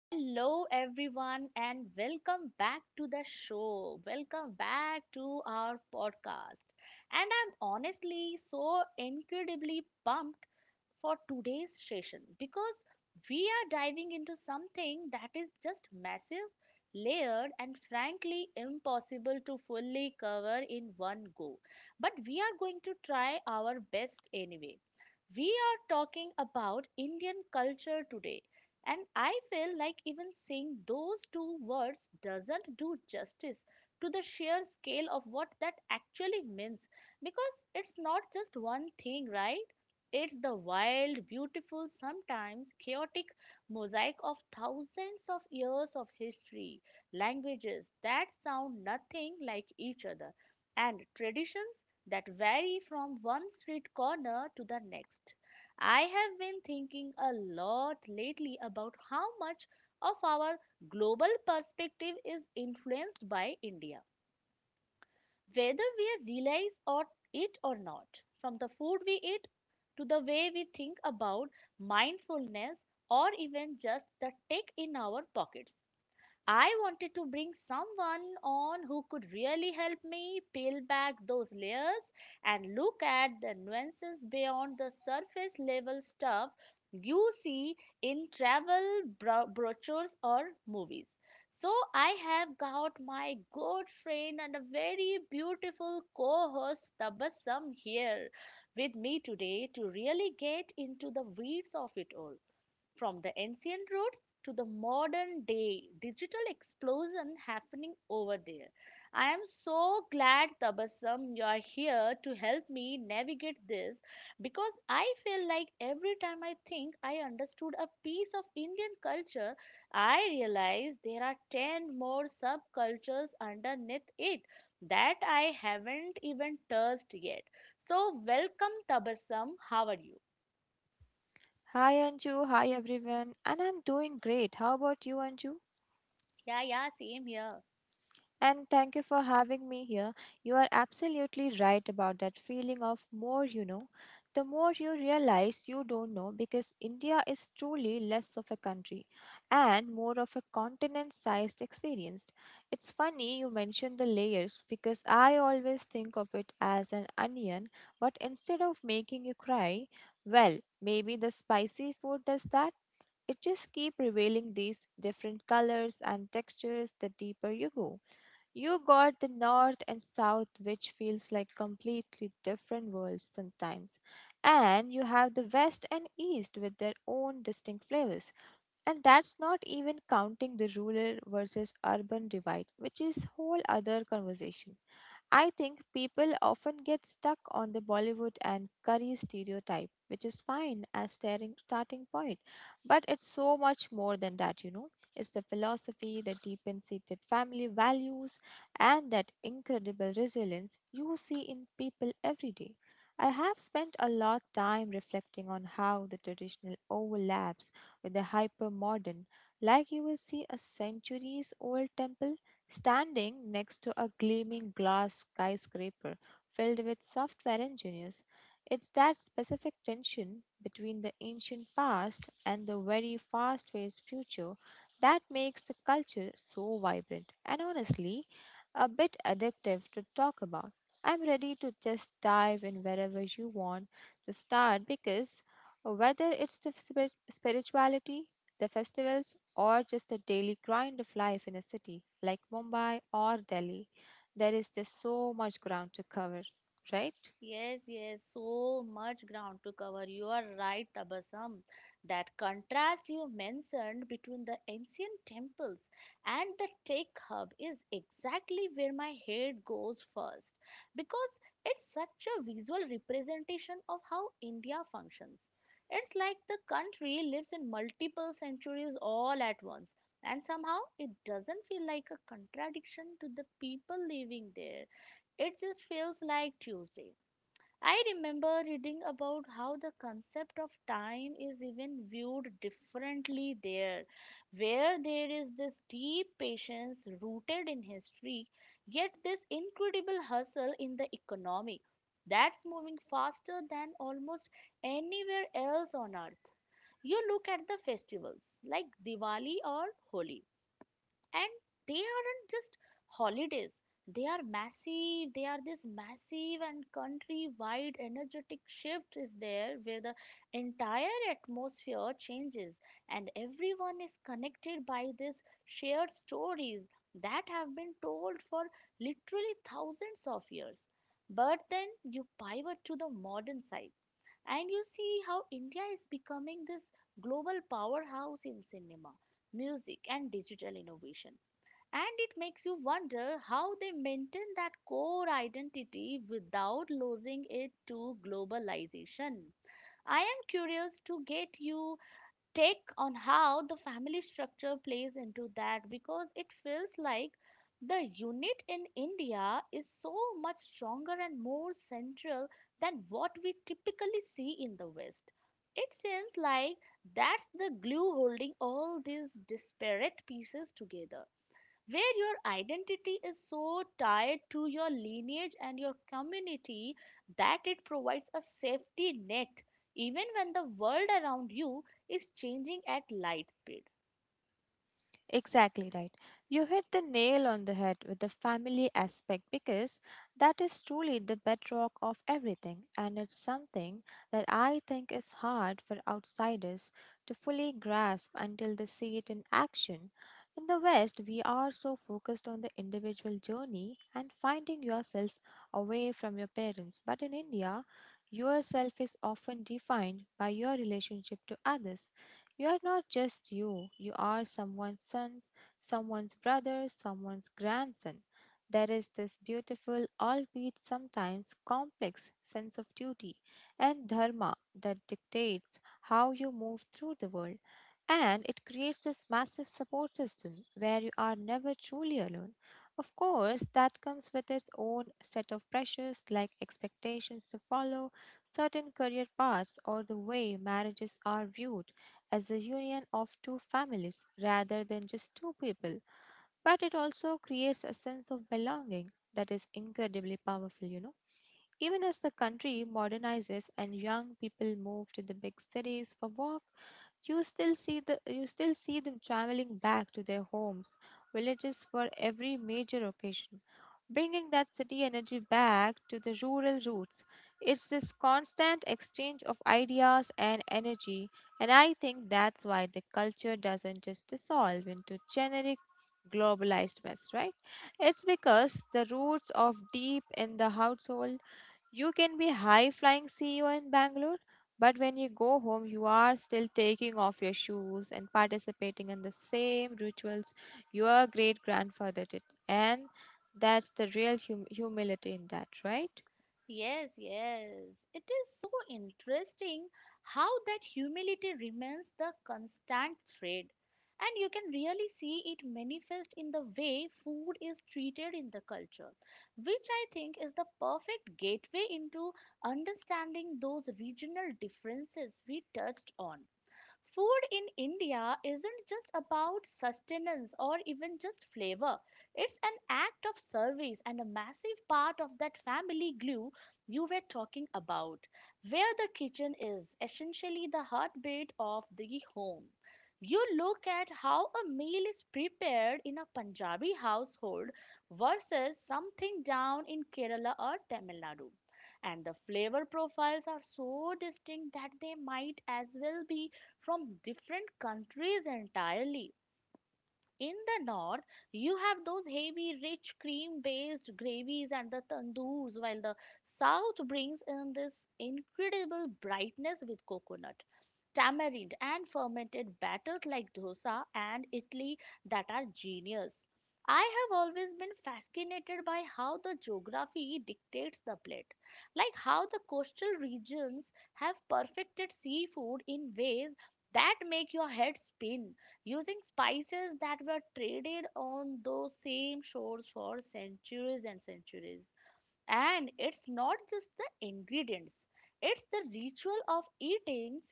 Hello, everyone, and welcome back to the show. Welcome back to our podcast. And I'm honestly so incredibly pumped for today's session because we are diving into something that is just massive, layered, and frankly impossible to fully cover in one go. But we are going to try our best anyway. We are talking about Indian culture today. And I feel like even saying those two words doesn't do justice to the sheer scale of what that actually means because it's not just one thing, right? It's the wild, beautiful, sometimes chaotic mosaic of thousands of years of history, languages that sound nothing like each other, and traditions that vary from one street corner to the next. I have been thinking a lot lately about how much of our global perspective is influenced by India, whether we realize or it or not, from the food we eat to the way we think about mindfulness or even just the tech in our pockets. I wanted to bring someone on who could really help me peel back those layers and look at the nuances beyond the surface level stuff you see in brochures or movies. So I have got my good friend and a very beautiful co-host Tabassum here with me today to really get into the weeds of it all, from the ancient roots to the modern day digital explosion happening over there. I am so glad, Tabassum, you are here to help me navigate this because I feel like every time I think I understood a piece of Indian culture, I realize there are 10 more subcultures underneath it that I haven't even touched yet. So, welcome, Tabassum. How are you? Hi Anju, hi everyone, and I'm doing great. How about you, Anju? Yeah, yeah, same here. And thank you for having me here. You are absolutely right about that feeling of more you know. The more you realize you don't know, because India is truly less of a country and more of a continent sized experience. It's funny you mentioned the layers because I always think of it as an onion, but instead of making you cry, well, maybe the spicy food does that. It just keep revealing these different colors and textures the deeper you go. You got the north and south which feels like completely different worlds sometimes. And you have the west and east with their own distinct flavors. And that's not even counting the rural versus urban divide, which is whole other conversation. I think people often get stuck on the Bollywood and curry stereotype, which is fine as staring starting point, but it's so much more than that. It's the philosophy, the deep-seated family values, and that incredible resilience you see in people every day. I have spent a lot time reflecting on how the traditional overlaps with the hyper modern. Like you will see a centuries old temple standing next to a gleaming glass skyscraper filled with software engineers. It's that specific tension between the ancient past and the very fast paced future that makes the culture so vibrant and honestly a bit addictive to talk about. I'm ready to just dive in wherever you want to start, because whether it's the spirituality, the festivals, or just the daily grind of life in a city like Mumbai or Delhi, there is just so much ground to cover, right? Yes, yes, so much ground to cover. You are right, Tabasam. That contrast you mentioned between the ancient temples and the tech hub is exactly where my head goes first because it's such a visual representation of how India functions. It's like the country lives in multiple centuries all at once, and somehow it doesn't feel like a contradiction to the people living there. It just feels like Tuesday. I remember reading about how the concept of time is even viewed differently there, where there is this deep patience rooted in history, yet this incredible hustle in the economy that's moving faster than almost anywhere else on earth. You look at the festivals like Diwali or Holi, and they aren't just holidays, they are massive they are this massive and country wide energetic shift is there, where the entire atmosphere changes and everyone is connected by these shared stories that have been told for literally thousands of years. But then you pivot to the modern side and you see how India is becoming this global powerhouse in cinema, music, and digital innovation, and it makes you wonder how they maintain that core identity without losing it to globalization. I am curious to get your take on how the family structure plays into that, because it feels like the unit in India is so much stronger and more central than what we typically see in the West. It seems like that's the glue holding all these disparate pieces together, where your identity is so tied to your lineage and your community that it provides a safety net even when the world around you is changing at light speed. Exactly right. You hit the nail on the head with the family aspect, because that is truly the bedrock of everything, and it's something that I think is hard for outsiders to fully grasp until they see it in action. In the West, we are so focused on the individual journey and finding yourself away from your parents, but in India, yourself is often defined by your relationship to others. You are not just you, you are someone's son, someone's brother, someone's grandson. There is this beautiful, albeit sometimes complex, sense of duty and dharma that dictates how you move through the world. And it creates this massive support system where you are never truly alone. Of course, that comes with its own set of pressures, like expectations to follow certain career paths, or the way marriages are viewed as a union of two families rather than just two people. But it also creates a sense of belonging that is incredibly powerful. Even as the country modernizes and young people move to the big cities for work, you still see them traveling back to their homes, villages for every major occasion, bringing that city energy back to the rural roots. It's this constant exchange of ideas and energy, and I think that's why the culture doesn't just dissolve into generic globalized mess, right? It's because the roots of deep in the household. You can be high flying CEO in Bangalore, but when you go home, you are still taking off your shoes and participating in the same rituals your great grandfather did. And that's the real humility in that, right? Yes, yes. It is so interesting how that humility remains the constant thread. And you can really see it manifest in the way food is treated in the culture, which I think is the perfect gateway into understanding those regional differences we touched on. Food in India isn't just about sustenance or even just flavor. It's an act of service and a massive part of that family glue you were talking about, where the kitchen is essentially the heartbeat of the home. You look at how a meal is prepared in a Punjabi household versus something down in Kerala or Tamil Nadu, and the flavor profiles are so distinct that they might as well be from different countries entirely. In the north, you have those heavy, rich, cream based gravies and the tandoors, while the south brings in this incredible brightness with coconut, tamarind, and fermented batters like dosa and idli that are genius. I have always been fascinated by how the geography dictates the plate, like how the coastal regions have perfected seafood in ways that make your head spin, using spices that were traded on those same shores for centuries and centuries. And it's not just the ingredients, it's the ritual of eating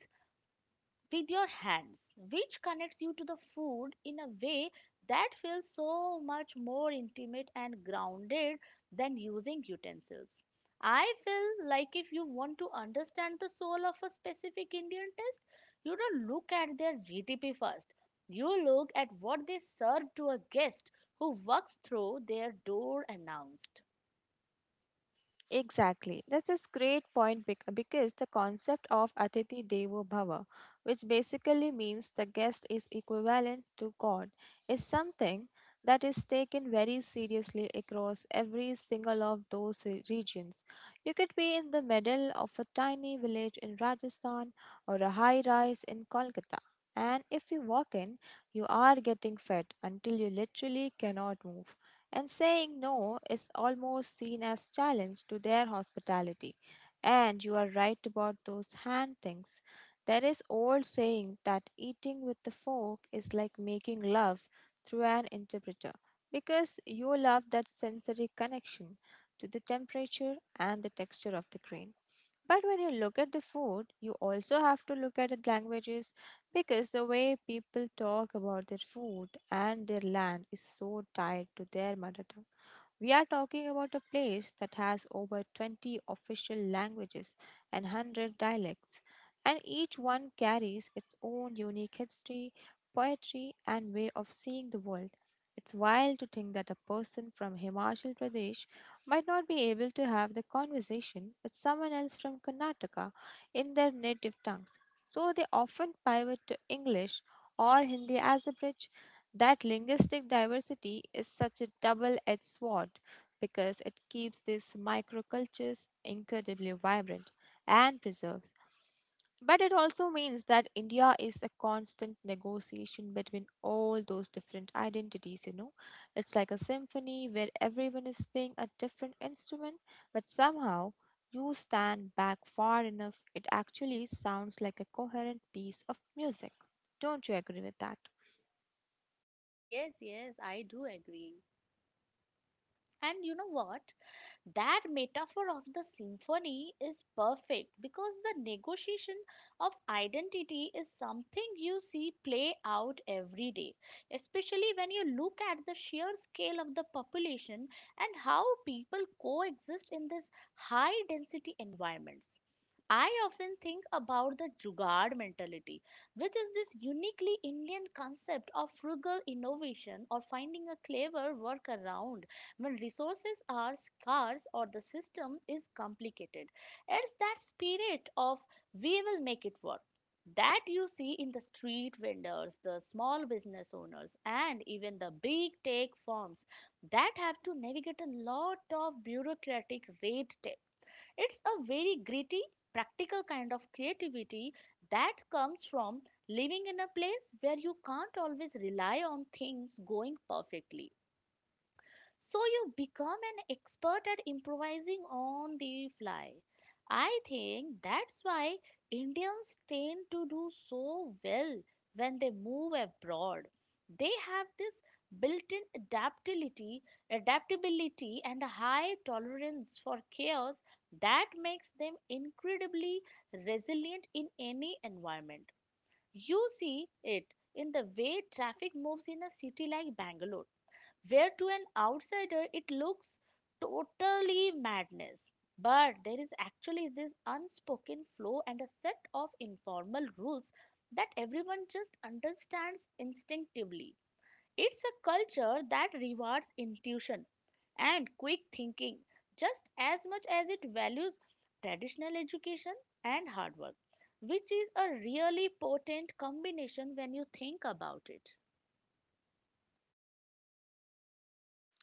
with your hands, which connects you to the food in a way that feels so much more intimate and grounded than using utensils. I feel like if you want to understand the soul of a specific Indian taste, you don't look at their GDP first. You look at what they serve to a guest who walks through their door announced. Exactly. That's a great point because the concept of Atithi Devo Bhava, which basically means the guest is equivalent to God, is something that is taken very seriously across every single of those regions. You could be in the middle of a tiny village in Rajasthan or a high rise in Kolkata. And if you walk in, you are getting fed until you literally cannot move, and saying no is almost seen as challenge to their hospitality. And you are right about those hand things. There is old saying that eating with the fork is like making love through an interpreter, because you love that sensory connection to the temperature and the texture of the grain. But when you look at the food, you also have to look at the languages, because the way people talk about their food and their land is so tied to their mother tongue. We are talking about a place that has over 20 official languages and 100 dialects, and each one carries its own unique history, poetry, and way of seeing the world. It's wild to think that a person from Himachal Pradesh might not be able to have the conversation with someone else from Karnataka in their native tongues, so they often pivot to English or Hindi as a bridge. That linguistic diversity is such a double edged sword, because it keeps these microcultures incredibly vibrant and preserves. But it also means that India is a constant negotiation between all those different identities. It's like a symphony where everyone is playing a different instrument, but somehow you stand back far enough, it actually sounds like a coherent piece of music. Don't you agree with that? Yes, yes, I do agree. And you know what? That metaphor of the symphony is perfect because the negotiation of identity is something you see play out every day, especially when you look at the sheer scale of the population and how people coexist in this high density environments. I often think about the Jugaad mentality, which is this uniquely Indian concept of frugal innovation or finding a clever workaround when resources are scarce or the system is complicated. It's that spirit of we will make it work, that you see in the street vendors, the small business owners, and even the big tech firms that have to navigate a lot of bureaucratic red tape. It's a very gritty, practical kind of creativity that comes from living in a place where you can't always rely on things going perfectly. So you become an expert at improvising on the fly. I think that's why Indians tend to do so well when they move abroad. They have this built-in adaptability, adaptability and a high tolerance for chaos that makes them incredibly resilient in any environment. You see it in the way traffic moves in a city like Bangalore, where to an outsider it looks totally madness. But there is actually this unspoken flow and a set of informal rules that everyone just understands instinctively. It's a culture that rewards intuition and quick thinking just as much as it values traditional education and hard work, which is a really potent combination when you think about it.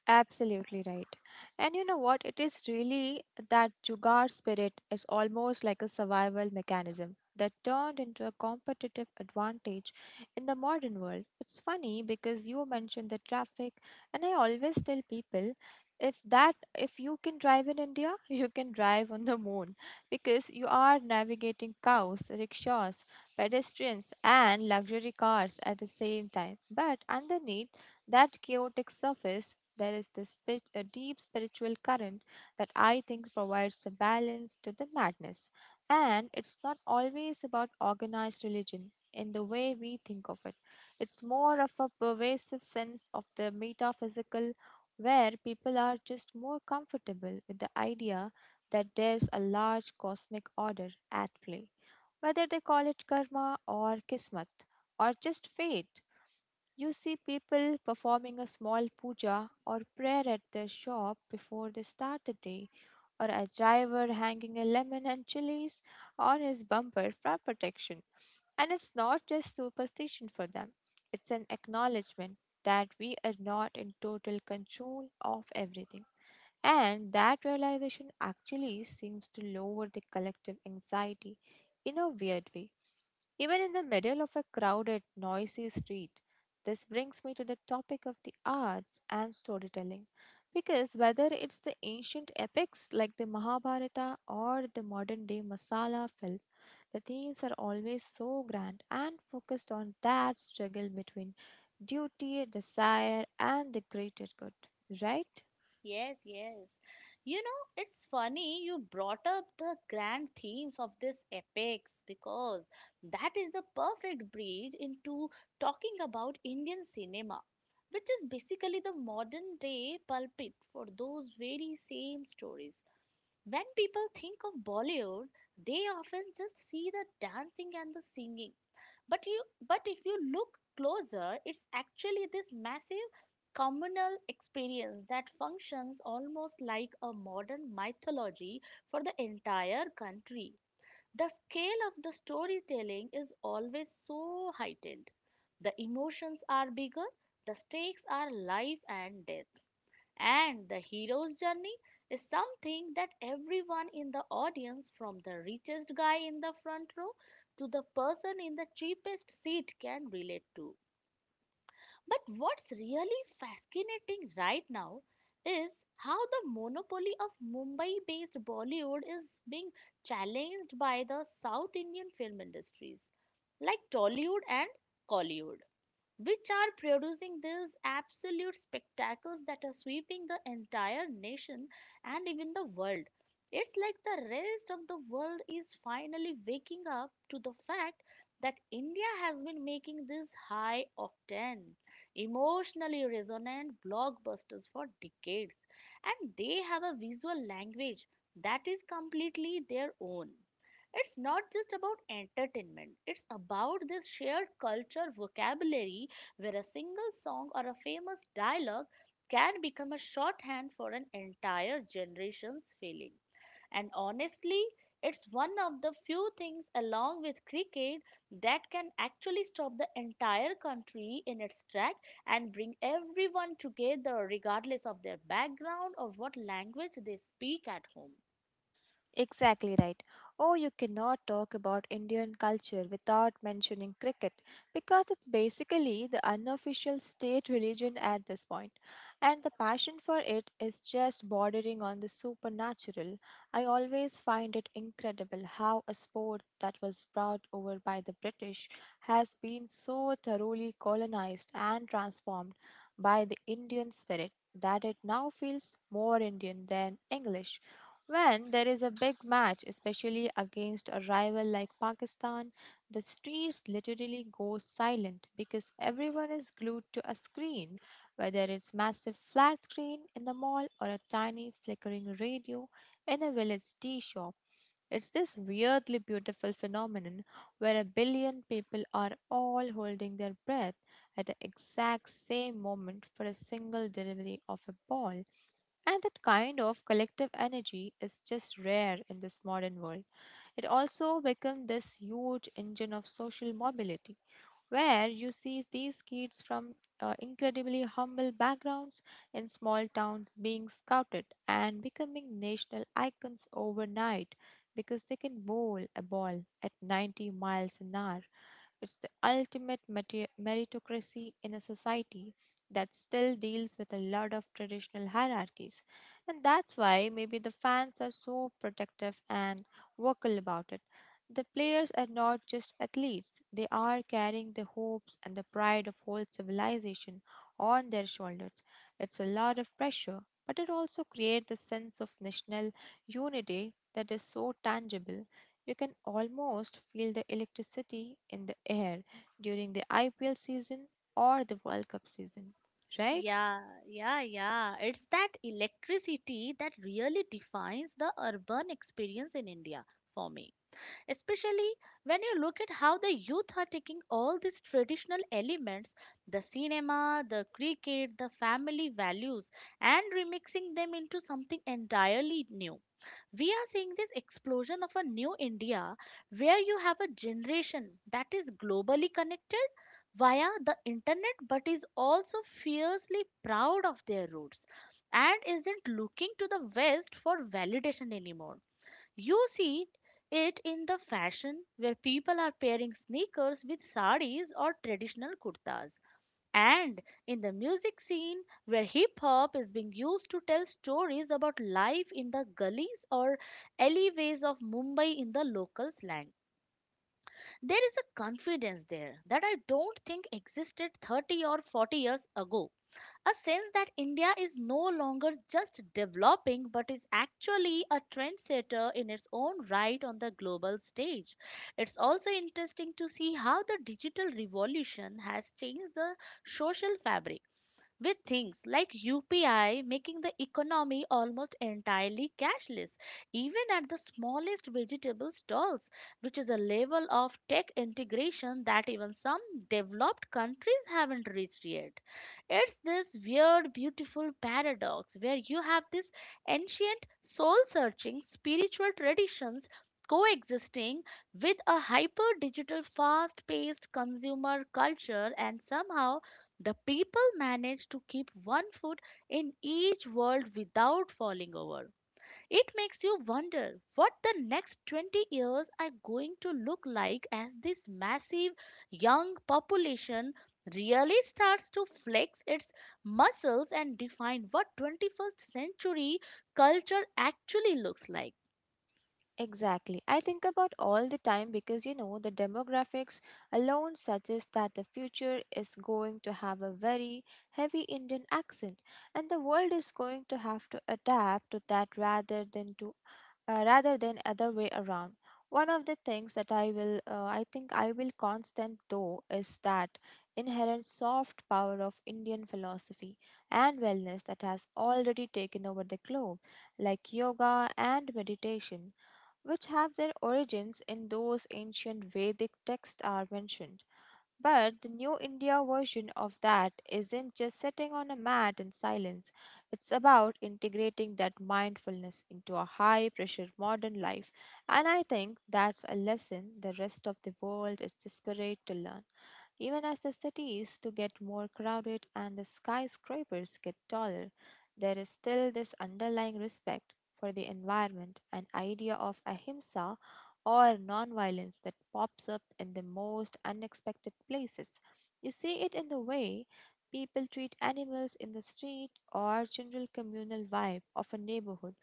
Absolutely right. And you know what? It is really that Jugaad spirit is almost like a survival mechanism that turned into a competitive advantage in the modern world. It's funny because you mentioned the traffic, and I always tell people if you can drive in India, you can drive on the moon, because you are navigating cows, rickshaws, pedestrians, and luxury cars at the same time. But underneath that chaotic surface, there is a deep spiritual current that I think provides the balance to the madness. And it's not always about organized religion in the way we think of it. It's more of a pervasive sense of the metaphysical, where people are just more comfortable with the idea that there's a large cosmic order at play. Whether they call it karma or kismet or just fate, you see people performing a small puja or prayer at their shop before they start the day, or a driver hanging a lemon and chilies on his bumper for protection. And it's not just superstition for them, it's an acknowledgement that we are not in total control of everything. And that realization actually seems to lower the collective anxiety in a weird way. Even in the middle of a crowded, noisy street, this brings me to the topic of the arts and storytelling, because whether it's the ancient epics like the Mahabharata or the modern day masala film, the themes are always so grand and focused on that struggle between duty, desire, and the greater good, right? Yes, yes. You know, it's funny you brought up the grand themes of this epics because that is the perfect bridge into talking about Indian cinema, which is basically the modern day pulpit for those very same stories. When people think of Bollywood, they often just see the dancing and the singing, but you, but if you look closer, it's actually this massive communal experience that functions almost like a modern mythology for the entire country. The scale of the storytelling is always so heightened. The emotions are bigger, the stakes are life and death. And the hero's journey is something that everyone in the audience, from the richest guy in the front row to the person in the cheapest seat, can relate to. But what's really fascinating right now is how the monopoly of Mumbai based Bollywood is being challenged by the South Indian film industries like Tollywood and Kollywood, which are producing these absolute spectacles that are sweeping the entire nation and even the world. It's like the rest of the world is finally waking up to the fact that India has been making these high octane, emotionally resonant blockbusters for decades, and they have a visual language that is completely their own. It's not just about entertainment, it's about this shared culture vocabulary, where a single song or a famous dialogue can become a shorthand for an entire generation's feeling. And honestly, it's one of the few things, along with cricket, that can actually stop the entire country in its track and bring everyone together, regardless of their background or what language they speak at home. Exactly right. Oh, you cannot talk about Indian culture without mentioning cricket, because it's basically the unofficial state religion at this point, and the passion for it is just bordering on the supernatural. I always find it incredible how a sport that was brought over by the British has been so thoroughly colonized and transformed by the Indian spirit that it now feels more Indian than English. When there is a big match, especially against a rival like Pakistan, the streets literally go silent because everyone is glued to a screen, whether it's massive flat screen in the mall or a tiny flickering radio in a village tea shop. It's this weirdly beautiful phenomenon where a billion people are all holding their breath at the exact same moment for a single delivery of a ball, and that kind of collective energy is just rare in this modern world. It also becomes this huge engine of social mobility, where you see these kids from incredibly humble backgrounds in small towns being scouted and becoming national icons overnight because they can bowl a ball at 90 miles an hour. It's the ultimate meritocracy in a society that still deals with a lot of traditional hierarchies. And that's why maybe the fans are so protective and vocal about it. The players are not just athletes, they are carrying the hopes and the pride of whole civilization on their shoulders. It's a lot of pressure, but it also creates a sense of national unity that is so tangible. You can almost feel the electricity in the air during the IPL season or the World Cup season, right? Yeah, yeah, yeah. It's that electricity that really defines the urban experience in India for me, especially when you look at how the youth are taking all these traditional elements, the cinema, the cricket, the family values, and remixing them into something entirely new. We are seeing this explosion of a new India, where you have a generation that is globally connected via the internet but is also fiercely proud of their roots and isn't looking to the West for validation anymore. You see it in the fashion, where people are pairing sneakers with saris or traditional kurtas, and in the music scene where hip hop is being used to tell stories about life in the gullies or alleyways of Mumbai in the local slang. There is a confidence there that I don't think existed 30 or 40 years ago, a sense that India is no longer just developing but is actually a trendsetter in its own right on the global stage. It's also interesting to see how the digital revolution has changed the social fabric, with things like UPI making the economy almost entirely cashless, even at the smallest vegetable stalls, which is a level of tech integration that even some developed countries haven't reached yet. It's this weird, beautiful paradox where you have this ancient, soul searching spiritual traditions coexisting with a hyper digital fast paced consumer culture, and somehow the people manage to keep one foot in each world without falling over. It makes you wonder what the next 20 years are going to look like as this massive young population really starts to flex its muscles and define what 21st century culture actually looks like. Exactly. I think about all the time, because you know the demographics alone suggests that the future is going to have a very heavy Indian accent, and the world is going to have to adapt to that rather than other way around. One of the things that I think I will constant though is that inherent soft power of Indian philosophy and wellness that has already taken over the globe, like yoga and meditation, which have their origins in those ancient Vedic texts are mentioned. But the New India version of that isn't just sitting on a mat in silence. It's about integrating that mindfulness into a high pressure modern life. And I think that's a lesson the rest of the world is desperate to learn. Even as the cities to get more crowded and the skyscrapers get taller, there is still this underlying respect for the environment and idea of ahimsa or nonviolence that pops up in the most unexpected places. You see it in the way people treat animals in the street or general communal vibe of a neighborhood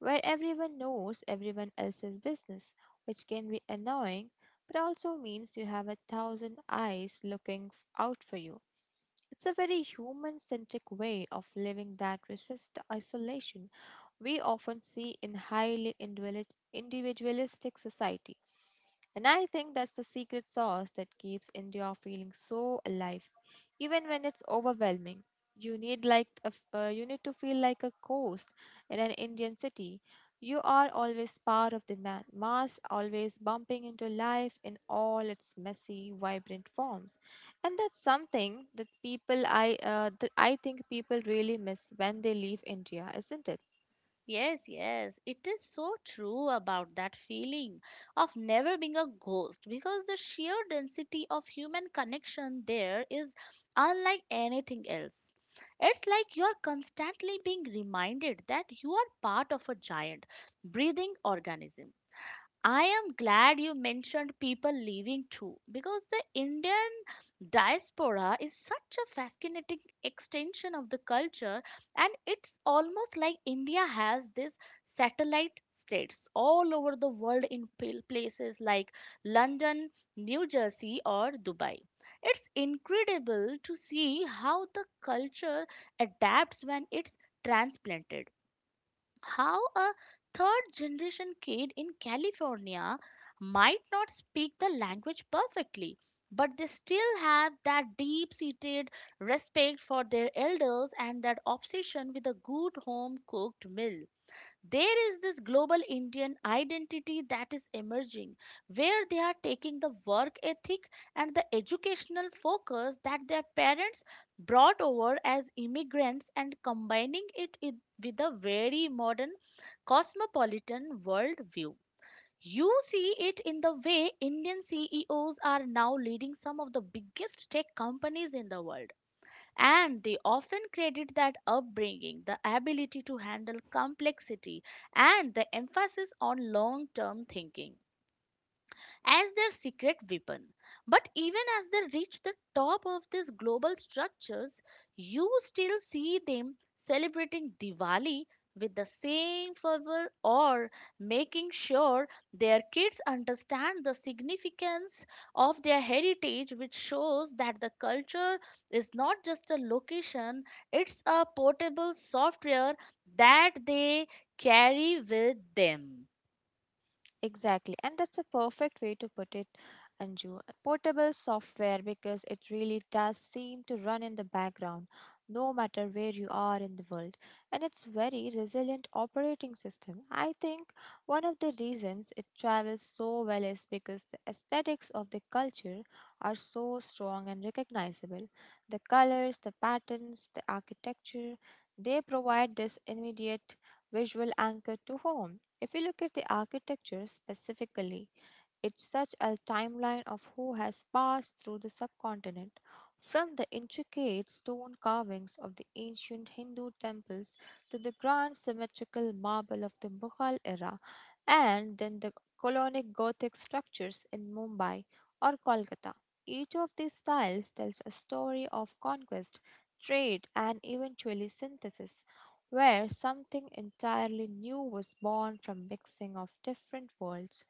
where everyone knows everyone else's business, which can be annoying but also means you have a thousand eyes looking out for you. It's a very human centric way of living that resists the isolation we often see in highly individualistic society. And I think that's the secret sauce that keeps India feeling so alive, even when it's overwhelming. You need to feel like a ghost in an Indian city. You are always part of the mass, always bumping into life in all its messy, vibrant forms, and that's something that I think people really miss when they leave India, isn't it? Yes, yes, it is so true about that feeling of never being a ghost, because the sheer density of human connection there is unlike anything else. It's like you're constantly being reminded that you are part of a giant breathing organism. I am glad you mentioned people leaving too, because the Indian diaspora is such a fascinating extension of the culture, and it's almost like India has these satellite states all over the world in places like London, New Jersey, or Dubai. It's incredible to see how the culture adapts when it's transplanted, how a third generation kid in California might not speak the language perfectly, but they still have that deep seated respect for their elders and that obsession with a good home cooked meal. There is this global Indian identity that is emerging, where they are taking the work ethic and the educational focus that their parents brought over as immigrants and combining it with a very modern cosmopolitan worldview. You see it in the way Indian CEOs are now leading some of the biggest tech companies in the world. And they often credit that upbringing, the ability to handle complexity, and the emphasis on long term thinking as their secret weapon. But even as they reach the top of these global structures, you still see them celebrating Diwali with the same fervor, or making sure their kids understand the significance of their heritage, which shows that the culture is not just a location, it's a portable software that they carry with them. Exactly, and that's a perfect way to put it, Anju. Portable software, because it really does seem to run in the background, no matter where you are in the world. And it's very resilient operating system. I think one of the reasons it travels so well is because the aesthetics of the culture are so strong and recognizable. The colors, the patterns, the architecture, they provide this immediate visual anchor to home. If we look at the architecture specifically, it's such a timeline of who has passed through the subcontinent, from the intricate stone carvings of the ancient Hindu temples to the grand symmetrical marble of the Mughal era, and then the colonic Gothic structures in Mumbai or Kolkata. Each of these styles tells a story of conquest, trade, and eventually synthesis, where something entirely new was born from mixing of different worlds.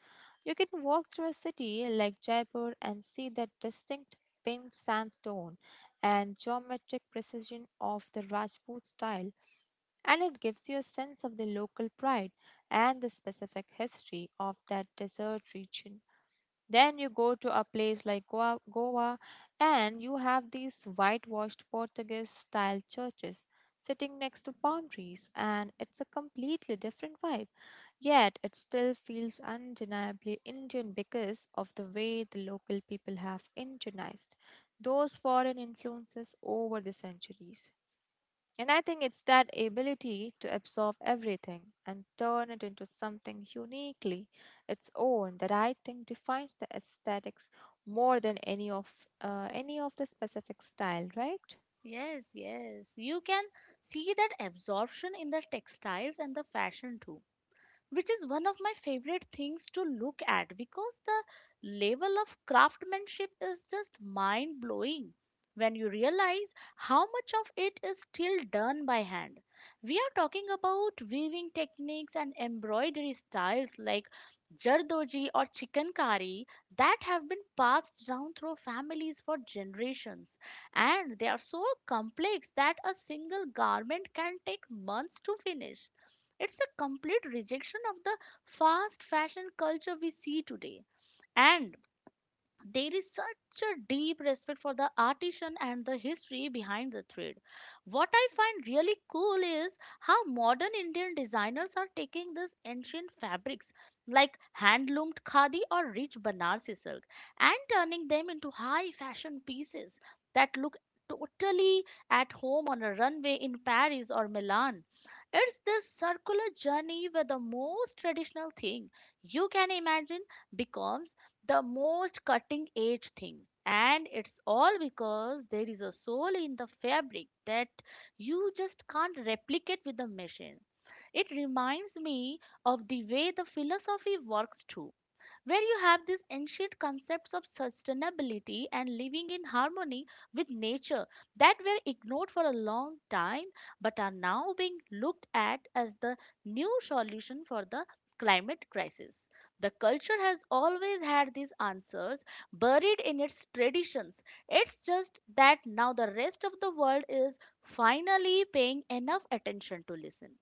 You can walk through a city like Jaipur and see that distinct pink sandstone and geometric precision of the Rajput style, and it gives you a sense of the local pride and the specific history of that desert region. Then you go to a place like Goa, and you have these whitewashed Portuguese style churches sitting next to palm trees, and it's a completely different vibe. Yet it still feels undeniably Indian because of the way the local people have Indianized those foreign influences over the centuries. And I think it's that ability to absorb everything and turn it into something uniquely its own that I think defines the aesthetics more than any of the specific style, right? Yes, yes. You can see that absorption in the textiles and the fashion too, which is one of my favorite things to look at, because the level of craftsmanship is just mind blowing when you realize how much of it is still done by hand. We are talking about weaving techniques and embroidery styles like jardoji or chikankari that have been passed down through families for generations, and they are so complex that a single garment can take months to finish. It's a complete rejection of the fast fashion culture we see today. And there is such a deep respect for the artisan and the history behind the thread. What I find really cool is how modern Indian designers are taking these ancient fabrics like hand loomed khadi or rich Banarsi silk and turning them into high fashion pieces that look totally at home on a runway in Paris or Milan. It's this circular journey where the most traditional thing you can imagine becomes the most cutting edge thing, and it's all because there is a soul in the fabric that you just can't replicate with a machine. It reminds me of the way the philosophy works too, where you have these ancient concepts of sustainability and living in harmony with nature that were ignored for a long time but are now being looked at as the new solution for the climate crisis. The culture has always had these answers buried in its traditions. It's just that now the rest of the world is finally paying enough attention to listen.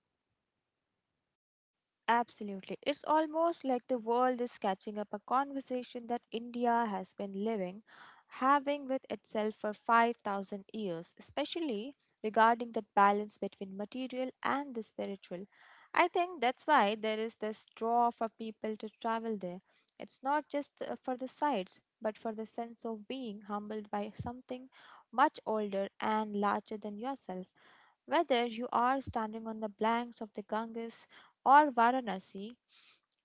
Absolutely. It's almost like the world is catching up a conversation that India has been living, having with itself for 5,000 years, especially regarding the balance between material and the spiritual. I think that's why there is this draw for people to travel there. It's not just for the sights, but for the sense of being humbled by something much older and larger than yourself. Whether you are standing on the banks of the Ganges or Varanasi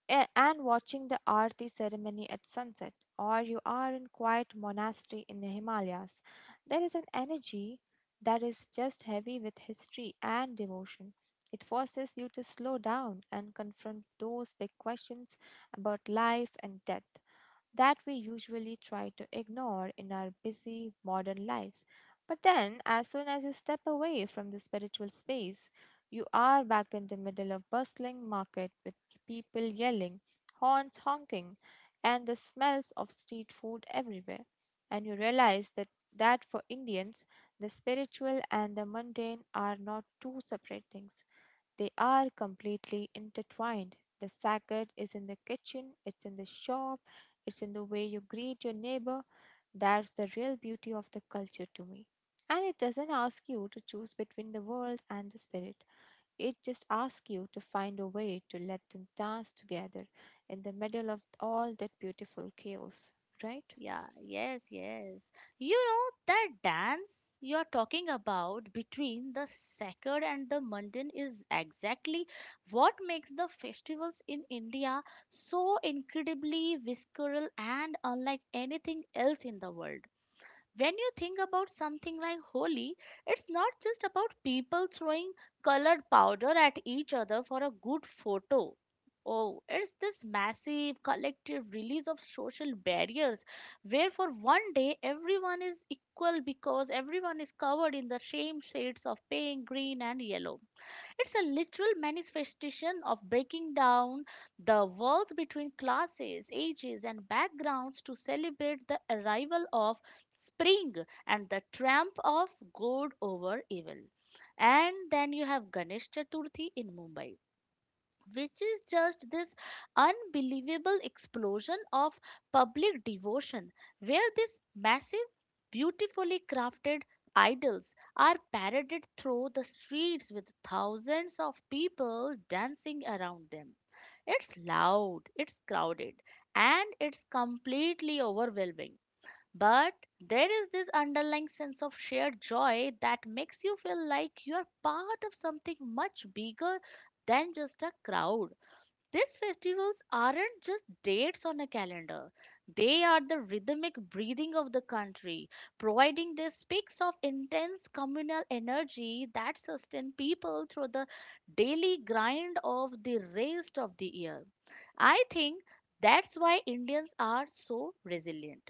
and watching the Aarti ceremony at sunset, or you are in quiet monastery in the Himalayas, there is an energy that is just heavy with history and devotion. It forces you to slow down and confront those big questions about life and death that we usually try to ignore in our busy modern lives. But then, as soon as you step away from the spiritual space, you are back in the middle of bustling market with people yelling, horns honking, and the smells of street food everywhere. And you realize that, that for Indians, the spiritual and the mundane are not two separate things. They are completely intertwined. The sacred is in the kitchen, it's in the shop, it's in the way you greet your neighbor. That's the real beauty of the culture to me. And it doesn't ask you to choose between the world and the spirit. It just asks you to find a way to let them dance together in the middle of all that beautiful chaos, right? Yeah, yes, yes. You know that dance you're talking about between the sacred and the mundane is exactly what makes the festivals in India so incredibly visceral and unlike anything else in the world. When you think about something like Holi, it's not just about people throwing colored powder at each other for a good photo. Oh, it's this massive collective release of social barriers, where for one day everyone is equal because everyone is covered in the same shades of pink, green, and yellow. It's a literal manifestation of breaking down the walls between classes, ages, and backgrounds to celebrate the arrival of spring and the triumph of good over evil. And then you have Ganesh Chaturthi in Mumbai, which is just this unbelievable explosion of public devotion where these massive, beautifully crafted idols are paraded through the streets with thousands of people dancing around them. It's loud, it's crowded, and it's completely overwhelming. But there is this underlying sense of shared joy that makes you feel like you are part of something much bigger than just a crowd. These festivals aren't just dates on a calendar, they are the rhythmic breathing of the country, providing these peaks of intense communal energy that sustain people through the daily grind of the rest of the year. I think that's why Indians are so resilient.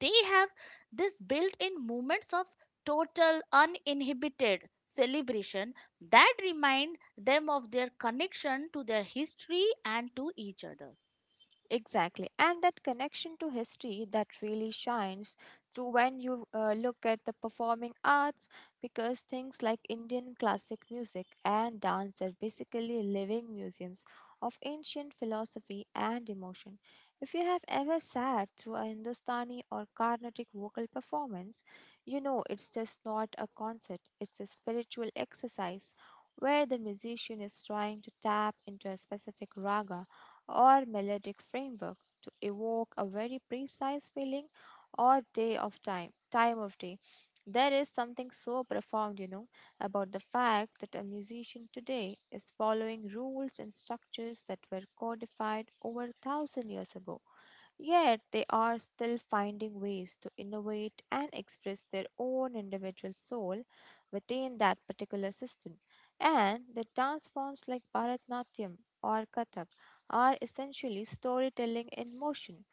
They have this built-in moments of total uninhibited celebration that remind them of their connection to their history and to each other. Exactly. And that connection to history that really shines through when you look at the performing arts, because things like Indian classic music and dance are basically living museums of ancient philosophy and emotion. If you have ever sat through a Hindustani or Carnatic vocal performance, you know it's just not a concert, it's a spiritual exercise where the musician is trying to tap into a specific raga or melodic framework to evoke a very precise feeling or day of time time of day There is something so profound, you know, about the fact that a musician today is following rules and structures that were codified over 1,000 years ago. Yet they are still finding ways to innovate and express their own individual soul within that particular system. And the dance forms like Bharatnatyam or Kathak are essentially storytelling in motion,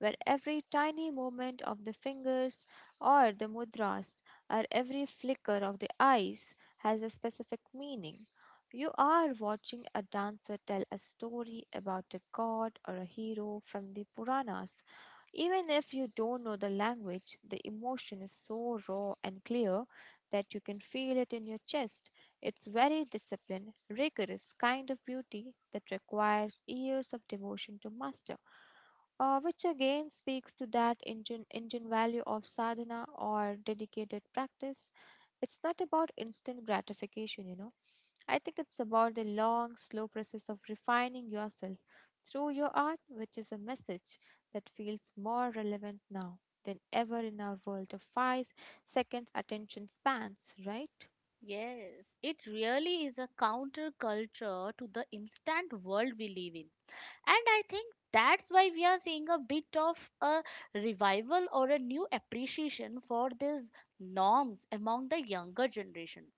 where every tiny movement of the fingers or the mudras or every flicker of the eyes has a specific meaning. You are watching a dancer tell a story about a god or a hero from the Puranas, even if you don't know the language, the emotion is so raw and clear that you can feel it in your chest. It's very disciplined, rigorous kind of beauty that requires years of devotion to master, which again speaks to that Indian value of sadhana or dedicated practice. It's not about instant gratification. I think it's about the long, slow process of refining yourself through your art, which is a message that feels more relevant now than ever in our world of 5 seconds attention spans, right? Yes, it really is a counterculture to the instant world we live in, and I think that's why we are seeing a bit of a revival or a new appreciation for these norms among the younger generation.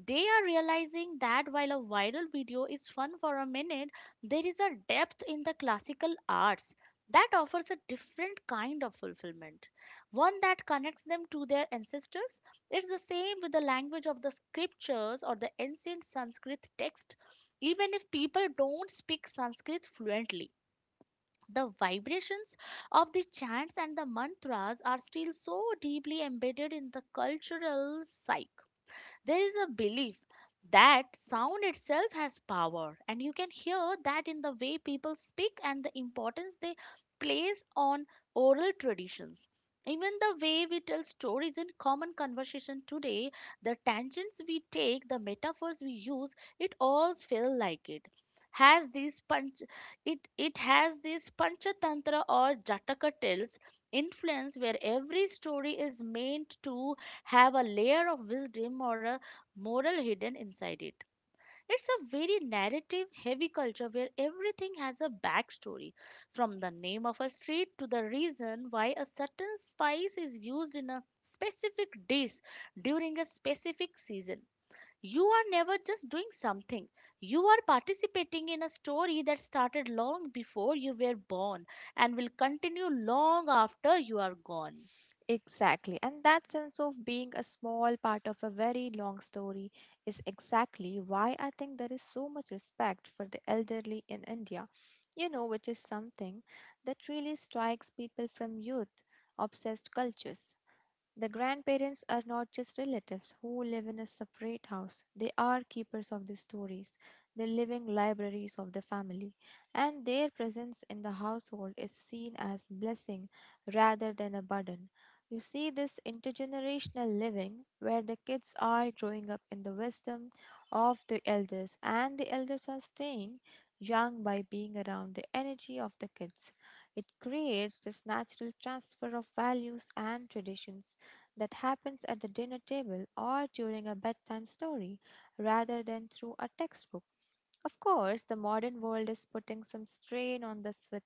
They are realizing that while a viral video is fun for a minute, there is a depth in the classical arts that offers a different kind of fulfillment, one that connects them to their ancestors. It's the same with the language of the scriptures or the ancient Sanskrit text. Even if people don't speak Sanskrit fluently, the vibrations of the chants and the mantras are still so deeply embedded in the cultural psyche. There is a belief that sound itself has power, and you can hear that in the way people speak and the importance they place on oral traditions. Even the way we tell stories in common conversation today, the tangents we take, the metaphors we use, it all feels like has these punch it has these panchatantra or jataka tales influence, where every story is meant to have a layer of wisdom or a moral hidden inside it. It's a very narrative heavy culture where everything has a backstory, from the name of a street to the reason why a certain spice is used in a specific dish during a specific season. You are never just doing something. You are participating in a story that started long before you were born and will continue long after you are gone. Exactly. And that sense of being a small part of a very long story is exactly why I think there is so much respect for the elderly in India, which is something that really strikes people from youth obsessed cultures. The grandparents are not just relatives who live in a separate house, they are keepers of the stories, the living libraries of the family, and their presence in the household is seen as blessing rather than a burden. You see this intergenerational living where the kids are growing up in the wisdom of the elders and the elders are staying young by being around the energy of the kids. It creates this natural transfer of values and traditions that happens at the dinner table or during a bedtime story rather than through a textbook. Of course, the modern world is putting some strain on this with,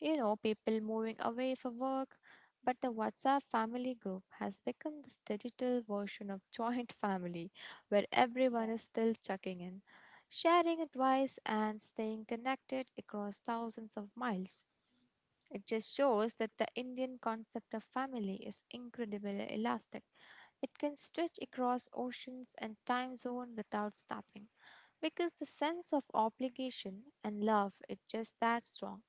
you know, people moving away for work. But the WhatsApp family group has become this digital version of joint family, where everyone is still checking in, sharing advice, and staying connected across thousands of miles. It just shows that the Indian concept of family is incredibly elastic. It can stretch across oceans and time zone without stopping because the sense of obligation and love is just that strong.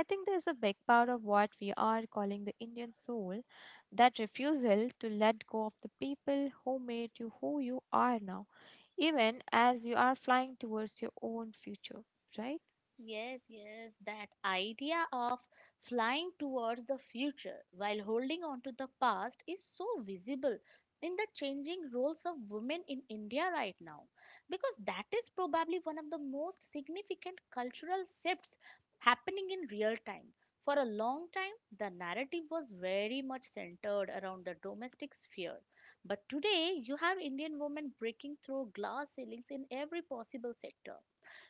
I think there's a big part of what we are calling the Indian soul, that refusal to let go of the people who made you who you are now, even as you are flying towards your own future, right? Yes, yes, that idea of flying towards the future while holding on to the past is so visible in the changing roles of women in India right now, because that is probably one of the most significant cultural shifts happening in real time. For a long time, the narrative was very much centered around the domestic sphere. But today, you have Indian women breaking through glass ceilings in every possible sector,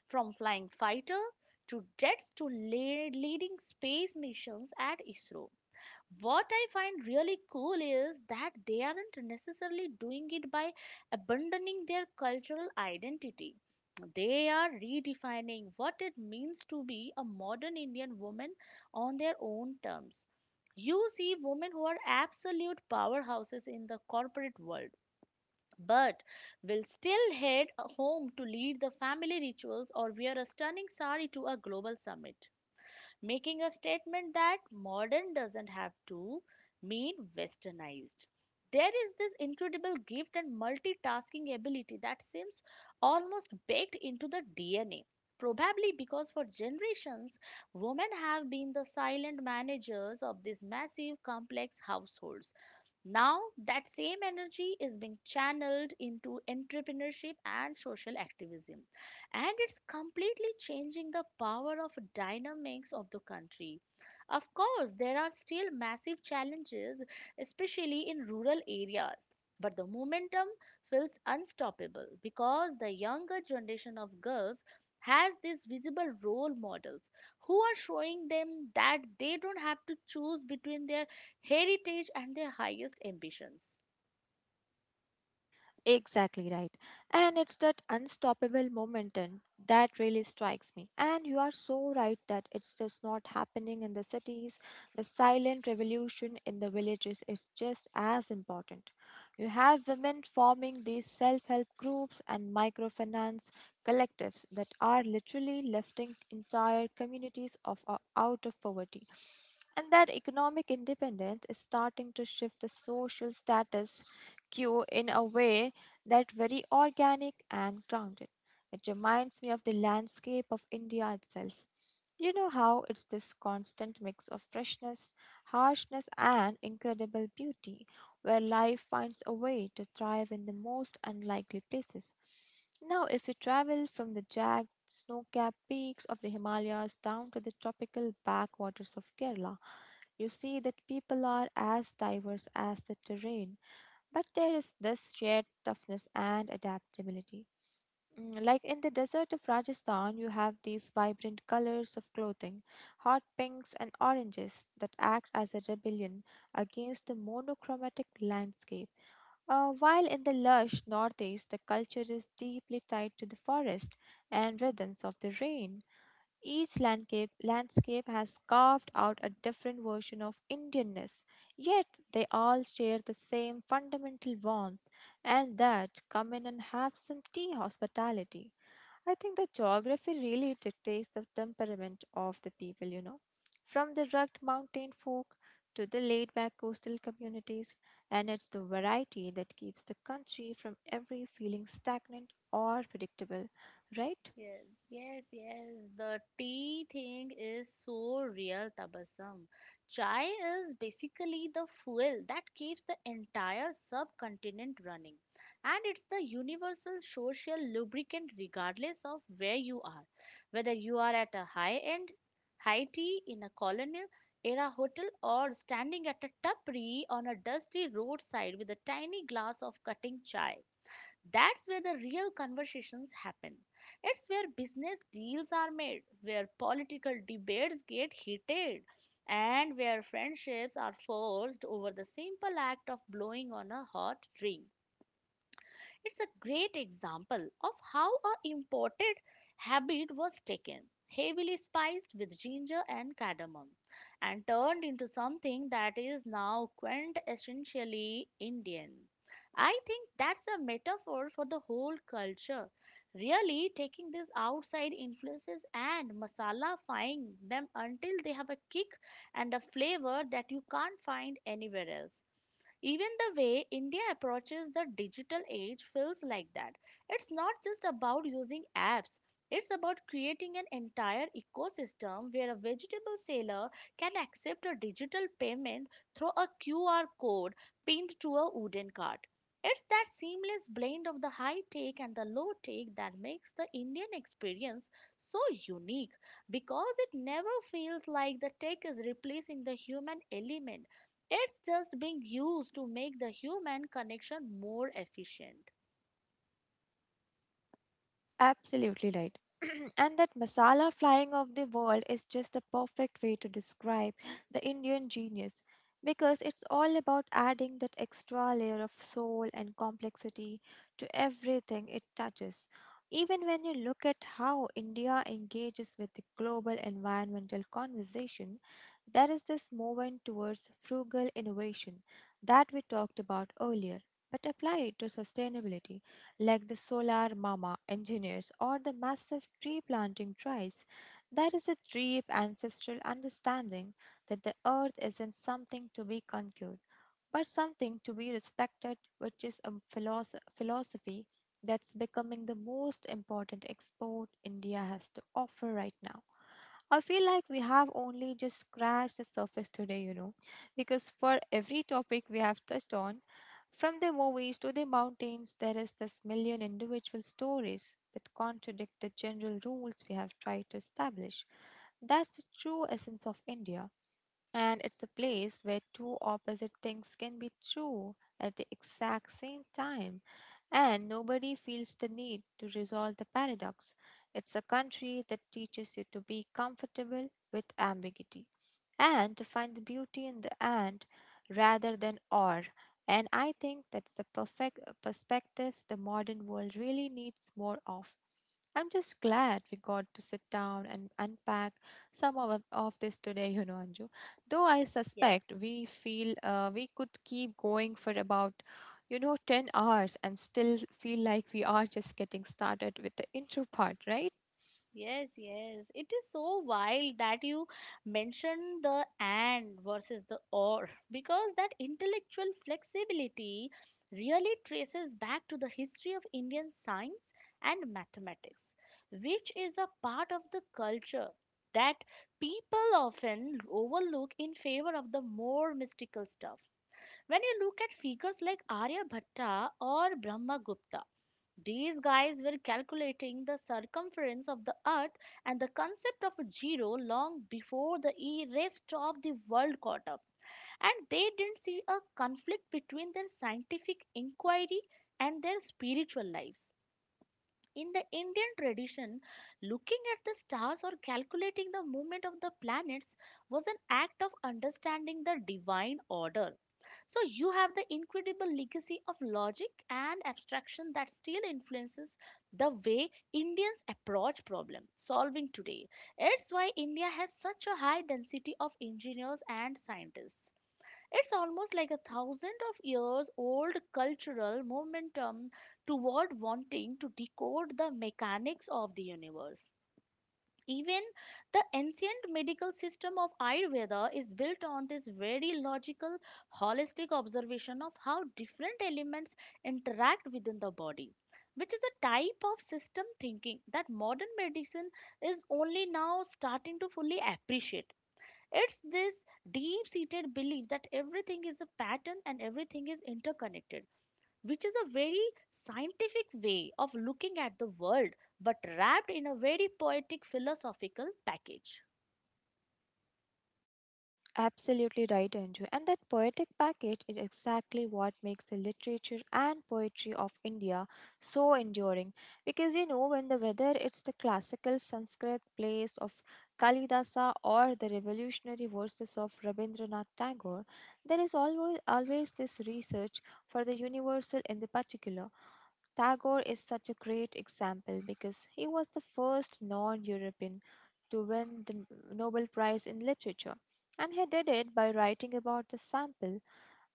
from flying fighter to jets to leading space missions at ISRO. What I find really cool is that they aren't necessarily doing it by abandoning their cultural identity. They are redefining what it means to be a modern Indian woman on their own terms. You see women who are absolute powerhouses in the corporate world, but will still head home to lead the family rituals or wear a stunning sari to a global summit, making a statement that modern doesn't have to mean westernized. There is this incredible gift and multitasking ability that seems almost baked into the DNA. Probably because for generations, women have been the silent managers of these massive, complex households. Now, that same energy is being channeled into entrepreneurship and social activism, and it's completely changing the power of dynamics of the country. Of course, there are still massive challenges, especially in rural areas, but the momentum feels unstoppable because the younger generation of girls has these visible role models who are showing them that they don't have to choose between their heritage and their highest ambitions. Exactly right. And it's that unstoppable momentum that really strikes me. And you are so right that it's just not happening in the cities. The silent revolution in the villages is just as important. You have women forming these self help groups and microfinance collectives that are literally lifting entire communities out of poverty. And that economic independence is starting to shift the social status quo in a way that very organic and grounded. It reminds me of the landscape of India itself. You know how it's this constant mix of freshness, harshness, and incredible beauty, where life finds a way to thrive in the most unlikely places. Now, if you travel from the jagged, snow capped peaks of the Himalayas down to the tropical backwaters of Kerala, you see that people are as diverse as the terrain. But there is this shared toughness and adaptability. Like in the desert of Rajasthan, you have these vibrant colors of clothing, hot pinks and oranges that act as a rebellion against the monochromatic landscape. While in the lush northeast, the culture is deeply tied to the forest and rhythms of the rain. Each landscape has carved out a different version of Indianness, yet they all share the same fundamental warmth and that come in and have some tea hospitality. I think the geography really dictates the temperament of the people. From the rugged mountain folk to the laid back coastal communities, and it's the variety that keeps the country from ever feeling stagnant or predictable, right? Yes. Yes, yes, the tea thing is so real, Tabassum. Chai is basically the fuel that keeps the entire subcontinent running, and it's the universal social lubricant regardless of where you are, whether you are at a high-end high tea in a colonial era hotel or standing at a tapri on a dusty roadside with a tiny glass of cutting chai. That's where the real conversations happen. It's where business deals are made, where political debates get heated, and where friendships are forced over the simple act of blowing on a hot drink. It's a great example of how a imported habit was taken, heavily spiced with ginger and cardamom, and turned into something that is now quintessentially Indian. I think that's a metaphor for the whole culture, really taking these outside influences and masalafying them until they have a kick and a flavor that you can't find anywhere else. Even the way India approaches the digital age feels like that. It's not just about using apps, it's about creating an entire ecosystem where a vegetable seller can accept a digital payment through a QR code pinned to a wooden cart. It's that seamless blend of the high tech and the low tech that makes the Indian experience so unique, because it never feels like the tech is replacing the human element. It's just being used to make the human connection more efficient. Absolutely right. And that masala flying of the world is just a perfect way to describe the Indian genius, because it's all about adding that extra layer of soul and complexity to everything it touches. Even when you look at how India engages with the global environmental conversation, there is this movement towards frugal innovation that we talked about earlier, but apply it to sustainability, like the solar mama engineers or the massive tree planting tribes. There is a deep ancestral understanding that the earth isn't something to be conquered, but something to be respected, which is a philosophy that's becoming the most important export India has to offer right now. I feel like we have only just scratched the surface today, you know, because for every topic we have touched on, from the movies to the mountains, there is this million individual stories that contradict the general rules we have tried to establish. That's the true essence of India. And it's a place where two opposite things can be true at the exact same time, and nobody feels the need to resolve the paradox. It's a country that teaches you to be comfortable with ambiguity and to find the beauty in the and rather than or. And I think that's the perfect perspective the modern world really needs more of. I'm just glad we got to sit down and unpack some of this today, you know, Anju. Though I Yes, suspect we feel we could keep going for about, you know, 10 hours and still feel like we are just getting started with the intro part, right? yes, yes. It is so wild that you mentioned the and versus the or, because that intellectual flexibility really traces back to the history of Indian science and mathematics, which is a part of the culture that people often overlook in favor of the more mystical stuff. When you look at figures like Aryabhatta or Brahmagupta, these guys were calculating the circumference of the earth and the concept of a zero long before the rest of the world caught up. And they didn't see a conflict between their scientific inquiry and their spiritual lives. In the Indian tradition, looking at the stars or calculating the movement of the planets was an act of understanding the divine order. So you have the incredible legacy of logic and abstraction that still influences the way Indians approach problem solving today. It's why India has such a high density of engineers and scientists. It's almost like a thousand of years old cultural momentum toward wanting to decode the mechanics of the universe. Even the ancient medical system of Ayurveda is built on this very logical, holistic observation of how different elements interact within the body, which is a type of system thinking that modern medicine is only now starting to fully appreciate. It's this deep seated belief that everything is a pattern and everything is interconnected, which is a very scientific way of looking at the world, but wrapped in a very poetic philosophical package. Absolutely right, Anju. And that poetic package is exactly what makes the literature and poetry of India so enduring. Because you know, when the whether it's the classical Sanskrit plays of Kalidasa or the revolutionary verses of Rabindranath Tagore, there is always this research for the universal in the particular. Tagore is such a great example because he was the first non European to win the Nobel Prize in Literature, and he did it by writing about the sample,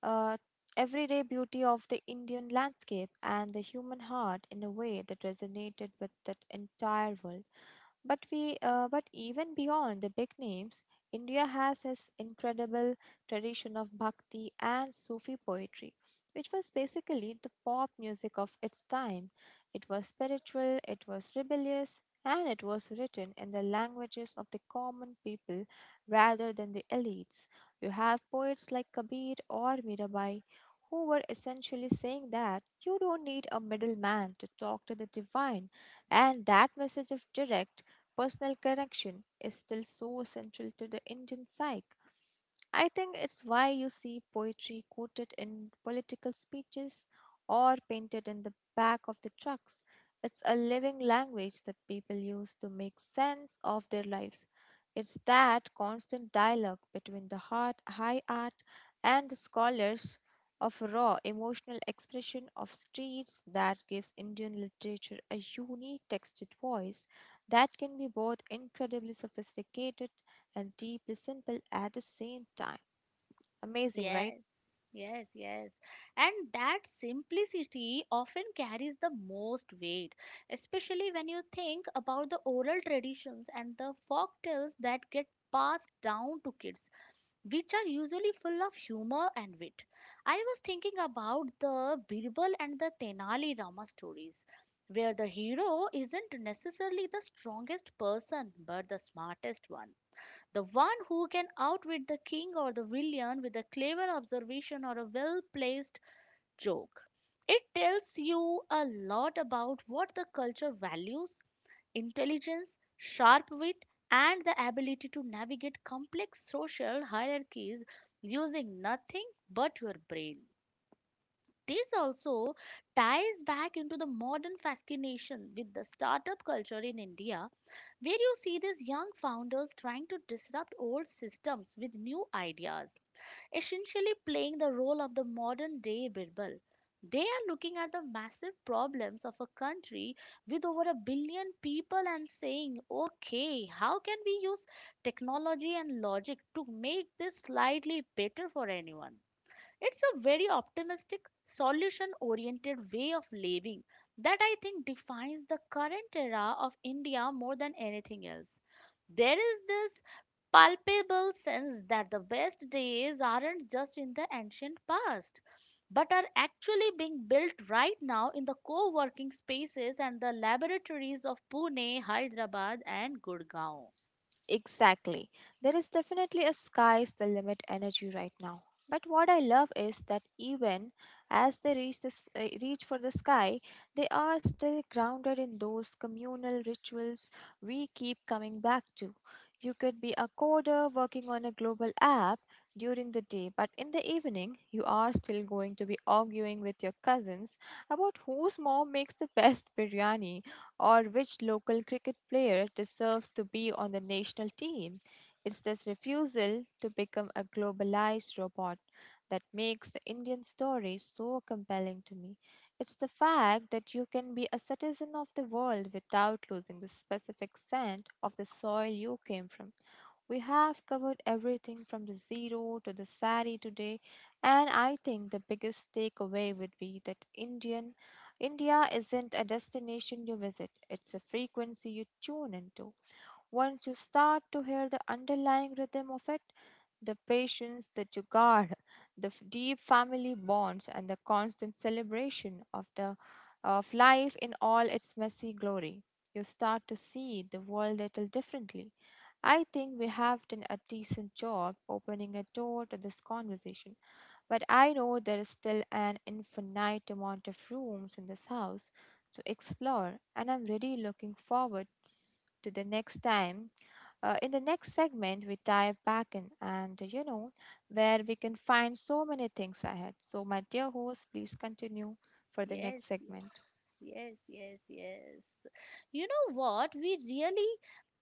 uh, everyday beauty of the Indian landscape and the human heart in a way that resonated with that entire world. But even beyond the big names, India has this incredible tradition of bhakti and Sufi poetry, which was basically the pop music of its time. It was spiritual, it was rebellious, and it was written in the languages of the common people rather than the elites. You have poets like Kabir or Mirabai who were essentially saying that you don't need a middleman to talk to the divine, and that message of direct personal connection is still so essential to the Indian psyche. I think it's why you see poetry quoted in political speeches or painted in the back of the trucks. It's a living language that people use to make sense of their lives. It's that constant dialogue between the heart, high art and the scholars of raw emotional expression of streets that gives Indian literature a unique textured voice that can be both incredibly sophisticated and deeply simple at the same time. Amazing, right? Yes, yes, yes. And that simplicity often carries the most weight, especially when you think about the oral traditions and the folk tales that get passed down to kids, which are usually full of humor and wit. I was thinking about the Birbal and the Tenali Rama stories, where the hero isn't necessarily the strongest person but the smartest one. The one who can outwit the king or the villain with a clever observation or a well placed joke. It tells you a lot about what the culture values: intelligence, sharp wit, and the ability to navigate complex social hierarchies using nothing but your brain. This also ties back into the modern fascination with the startup culture in India, where you see these young founders trying to disrupt old systems with new ideas, essentially playing the role of the modern day Birbal. They are looking at the massive problems of a country with over a billion people and saying, okay, how can we use technology and logic to make this slightly better for anyone? It's a very optimistic, solution oriented way of living that I think defines the current era of India more than anything else. There is this palpable sense that the best days aren't just in the ancient past, but are actually being built right now in the co working spaces and the laboratories of Pune, Hyderabad, and Gurgaon. Exactly. There is definitely a sky's the limit energy right now. But what I love is that even as they reach for the sky, they are still grounded in those communal rituals we keep coming back to. You could be a coder working on a global app during the day, but in the evening, you are still going to be arguing with your cousins about whose mom makes the best biryani or which local cricket player deserves to be on the national team. It's this refusal to become a globalized robot that makes the Indian story so compelling to me. It's the fact that you can be a citizen of the world without losing the specific scent of the soil you came from. We have covered everything from the zero to the sari today, and I think the biggest takeaway would be that India isn't a destination you visit, it's a frequency you tune into. Once you start to hear the underlying rhythm of it, the patience, the jugaad, the deep family bonds, and the constant celebration of the of life in all its messy glory, you start to see the world a little differently. I think we have done a decent job opening a door to this conversation, but I know there is still an infinite amount of rooms in this house to explore, and I'm really looking forward to the next time. In the next segment, we dive back in and you know where we can find so many things ahead. So, my dear host, please continue for the Yes, next yes, segment. yes, yes, yes. You know what? We really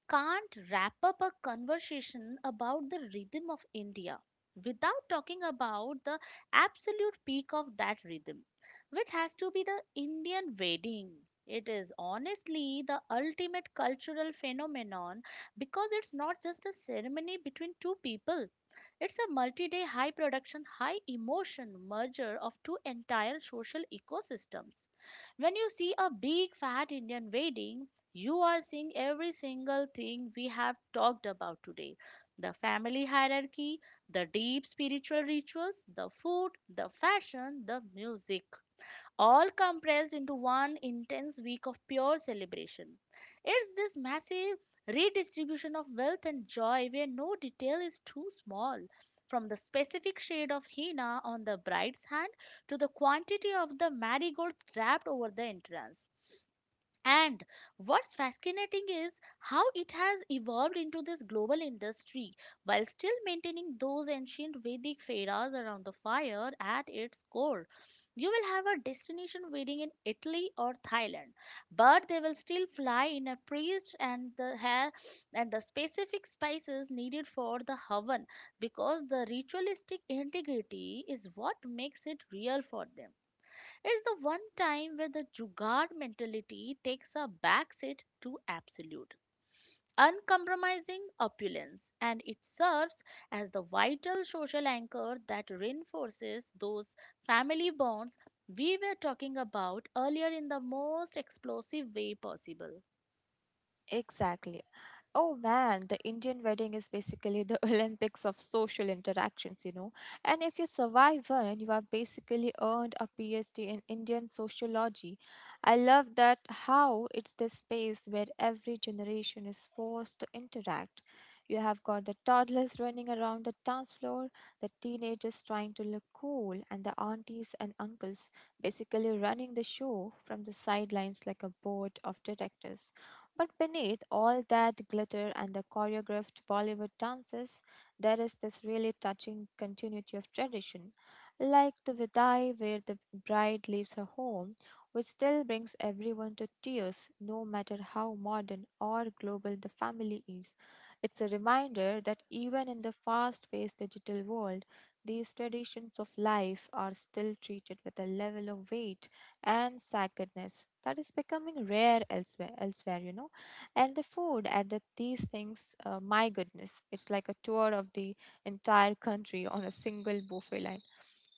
can't wrap up a conversation about the rhythm of India without talking about the absolute peak of that rhythm, which has to be the Indian wedding. It is honestly the ultimate cultural phenomenon, because it's not just a ceremony between two people. It's a multi day, high production, high emotion merger of two entire social ecosystems. When you see a big fat Indian wedding, you are seeing every single thing we have talked about today: the family hierarchy, the deep spiritual rituals, the food, the fashion, the music, all compressed into one intense week of pure celebration. It's this massive redistribution of wealth and joy where no detail is too small, from the specific shade of henna on the bride's hand to the quantity of the marigolds wrapped over the entrance. And what's fascinating is how it has evolved into this global industry while still maintaining those ancient Vedic feras around the fire at its core. You will have a destination wedding in Italy or Thailand, but they will still fly in a priest and the hair and the specific spices needed for the havan, because the ritualistic integrity is what makes it real for them. It's the one time where the Jugaad mentality takes a backseat to absolute, uncompromising opulence, and it serves as the vital social anchor that reinforces those family bonds we were talking about earlier in the most explosive way possible. Exactly. Oh man, the Indian wedding is basically the Olympics of social interactions, you know. And if you survive one, you have basically earned a PhD in Indian sociology. I love that how it's this space where every generation is forced to interact. You have got the toddlers running around the dance floor, the teenagers trying to look cool, and the aunties and uncles basically running the show from the sidelines like a board of directors, but beneath all that glitter and the choreographed Bollywood dances, there is this really touching continuity of tradition, like the Vidai, where the bride leaves her home, which still brings everyone to tears, no matter how modern or global the family is. It's a reminder that even in the fast paced digital world, these traditions of life are still treated with a level of weight and sacredness that is becoming rare elsewhere, you know. And the food at these things. My goodness, it's like a tour of the entire country on a single buffet line.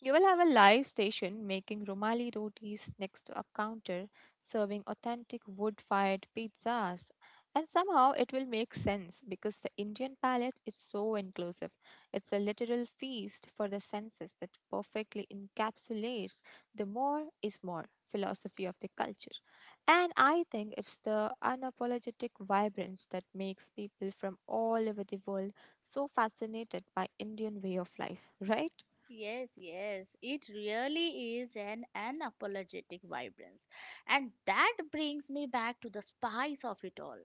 You will have a live station making Romali rotis next to a counter serving authentic wood fired pizzas, and somehow it will make sense because the Indian palate is so inclusive. It's a literal feast for the senses that perfectly encapsulates the more is more philosophy of the culture. And I think it's the unapologetic vibrance that makes people from all over the world so fascinated by Indian way of life, right? Yes, yes, it really is an unapologetic vibrance. And that brings me back to the spice of it all.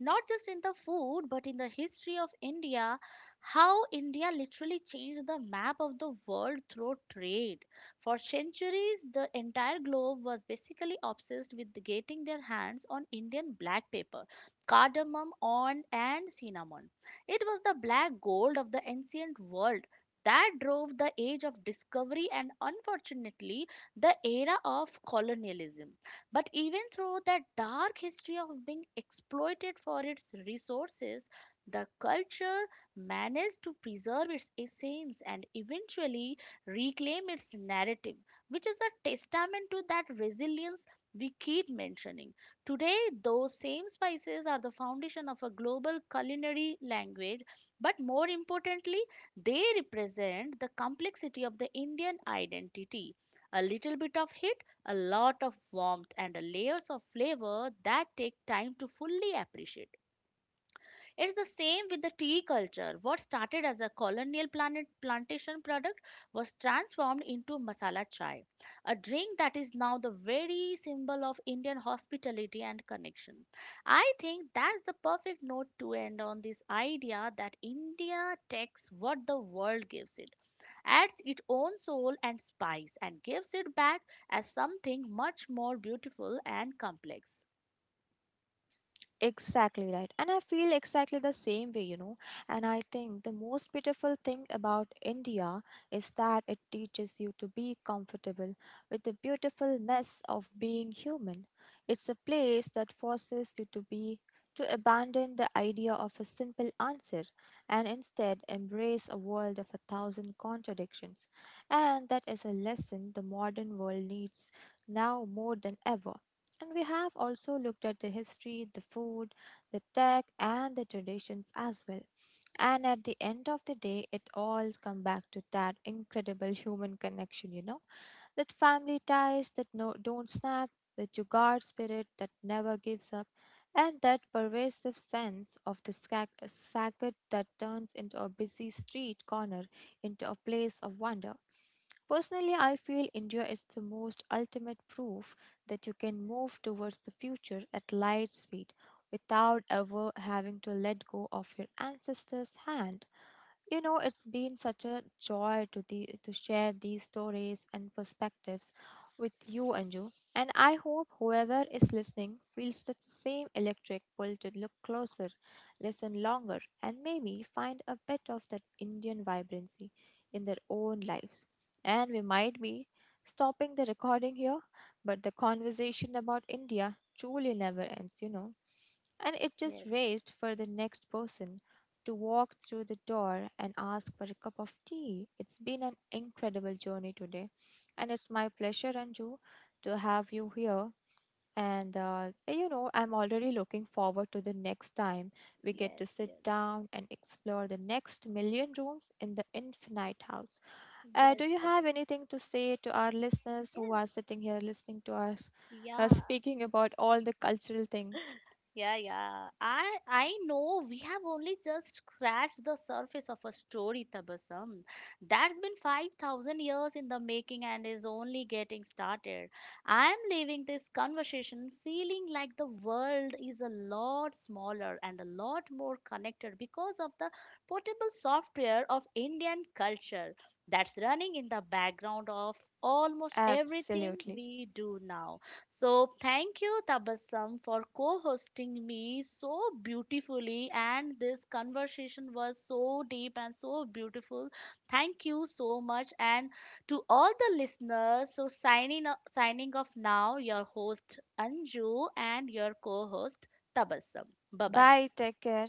Not just in the food, but in the history of India, how India literally changed the map of the world through trade. For centuries, the entire globe was basically obsessed with getting their hands on Indian black pepper, cardamom, and cinnamon. It was the black gold of the ancient world that drove the age of discovery, and unfortunately the era of colonialism. But even through that dark history of being exploited for its resources, the culture managed to preserve its essence and eventually reclaim its narrative, which is a testament to that resilience we keep mentioning. Today, those same spices are the foundation of a global culinary language, but more importantly, they represent the complexity of the Indian identity. A little bit of heat, a lot of warmth, and a layers of flavor that take time to fully appreciate. It's the same with the tea culture. What started as a colonial planet plantation product was transformed into masala chai, a drink that is now the very symbol of Indian hospitality and connection. I think that's the perfect note to end on: this idea that India takes what the world gives it, adds its own soul and spice, and gives it back as something much more beautiful and complex. Exactly right. And I feel exactly the same way, you know. And I think the most beautiful thing about India is that it teaches you to be comfortable with the beautiful mess of being human. It's a place that forces you to abandon the idea of a simple answer and instead embrace a world of a thousand contradictions. And that is a lesson the modern world needs now more than ever. And we have also looked at the history, the food, the tech, and the traditions as well. And at the end of the day, it all comes back to that incredible human connection, you know, that family ties that no, don't snap, the Jugaad spirit that never gives up, and that pervasive sense of the sacred that turns into a busy street corner into a place of wonder. Personally, I feel India is the most ultimate proof that you can move towards the future at light speed without ever having to let go of your ancestors' hand. You know, it's been such a joy to share these stories and perspectives with you, Anju. And I hope whoever is listening feels that the same electric pull to look closer, listen longer, and maybe find a bit of that Indian vibrancy in their own lives. And we might be stopping the recording here, but the conversation about India truly never ends, you know, and it just Yes, raised for the next person to walk through the door and ask for a cup of tea. It's been an incredible journey today, and it's my pleasure, Anju, to have you here. And you know, I'm already looking forward to the next time we get to yes, sit yes, down and explore the next million rooms in the infinite house. Uh, yes, do you have Tabitha. anything to say to our listeners who Yes. are sitting here listening to us, Yeah. speaking about all the cultural thing? Yeah, yeah. I know we have only just scratched the surface of a story, Tabassum. That's been 5,000 years in the making and is only getting started. I am leaving this conversation feeling like the world is a lot smaller and a lot more connected because of the portable software of Indian culture that's running in the background of almost everything Absolutely. we do now. So, thank you, Tabassum, for co hosting me so beautifully. And this conversation was so deep and so beautiful. Thank you so much. And to all the listeners, so signing off now, your host Anju and your co host Tabassum. Bye bye. Bye. Take care.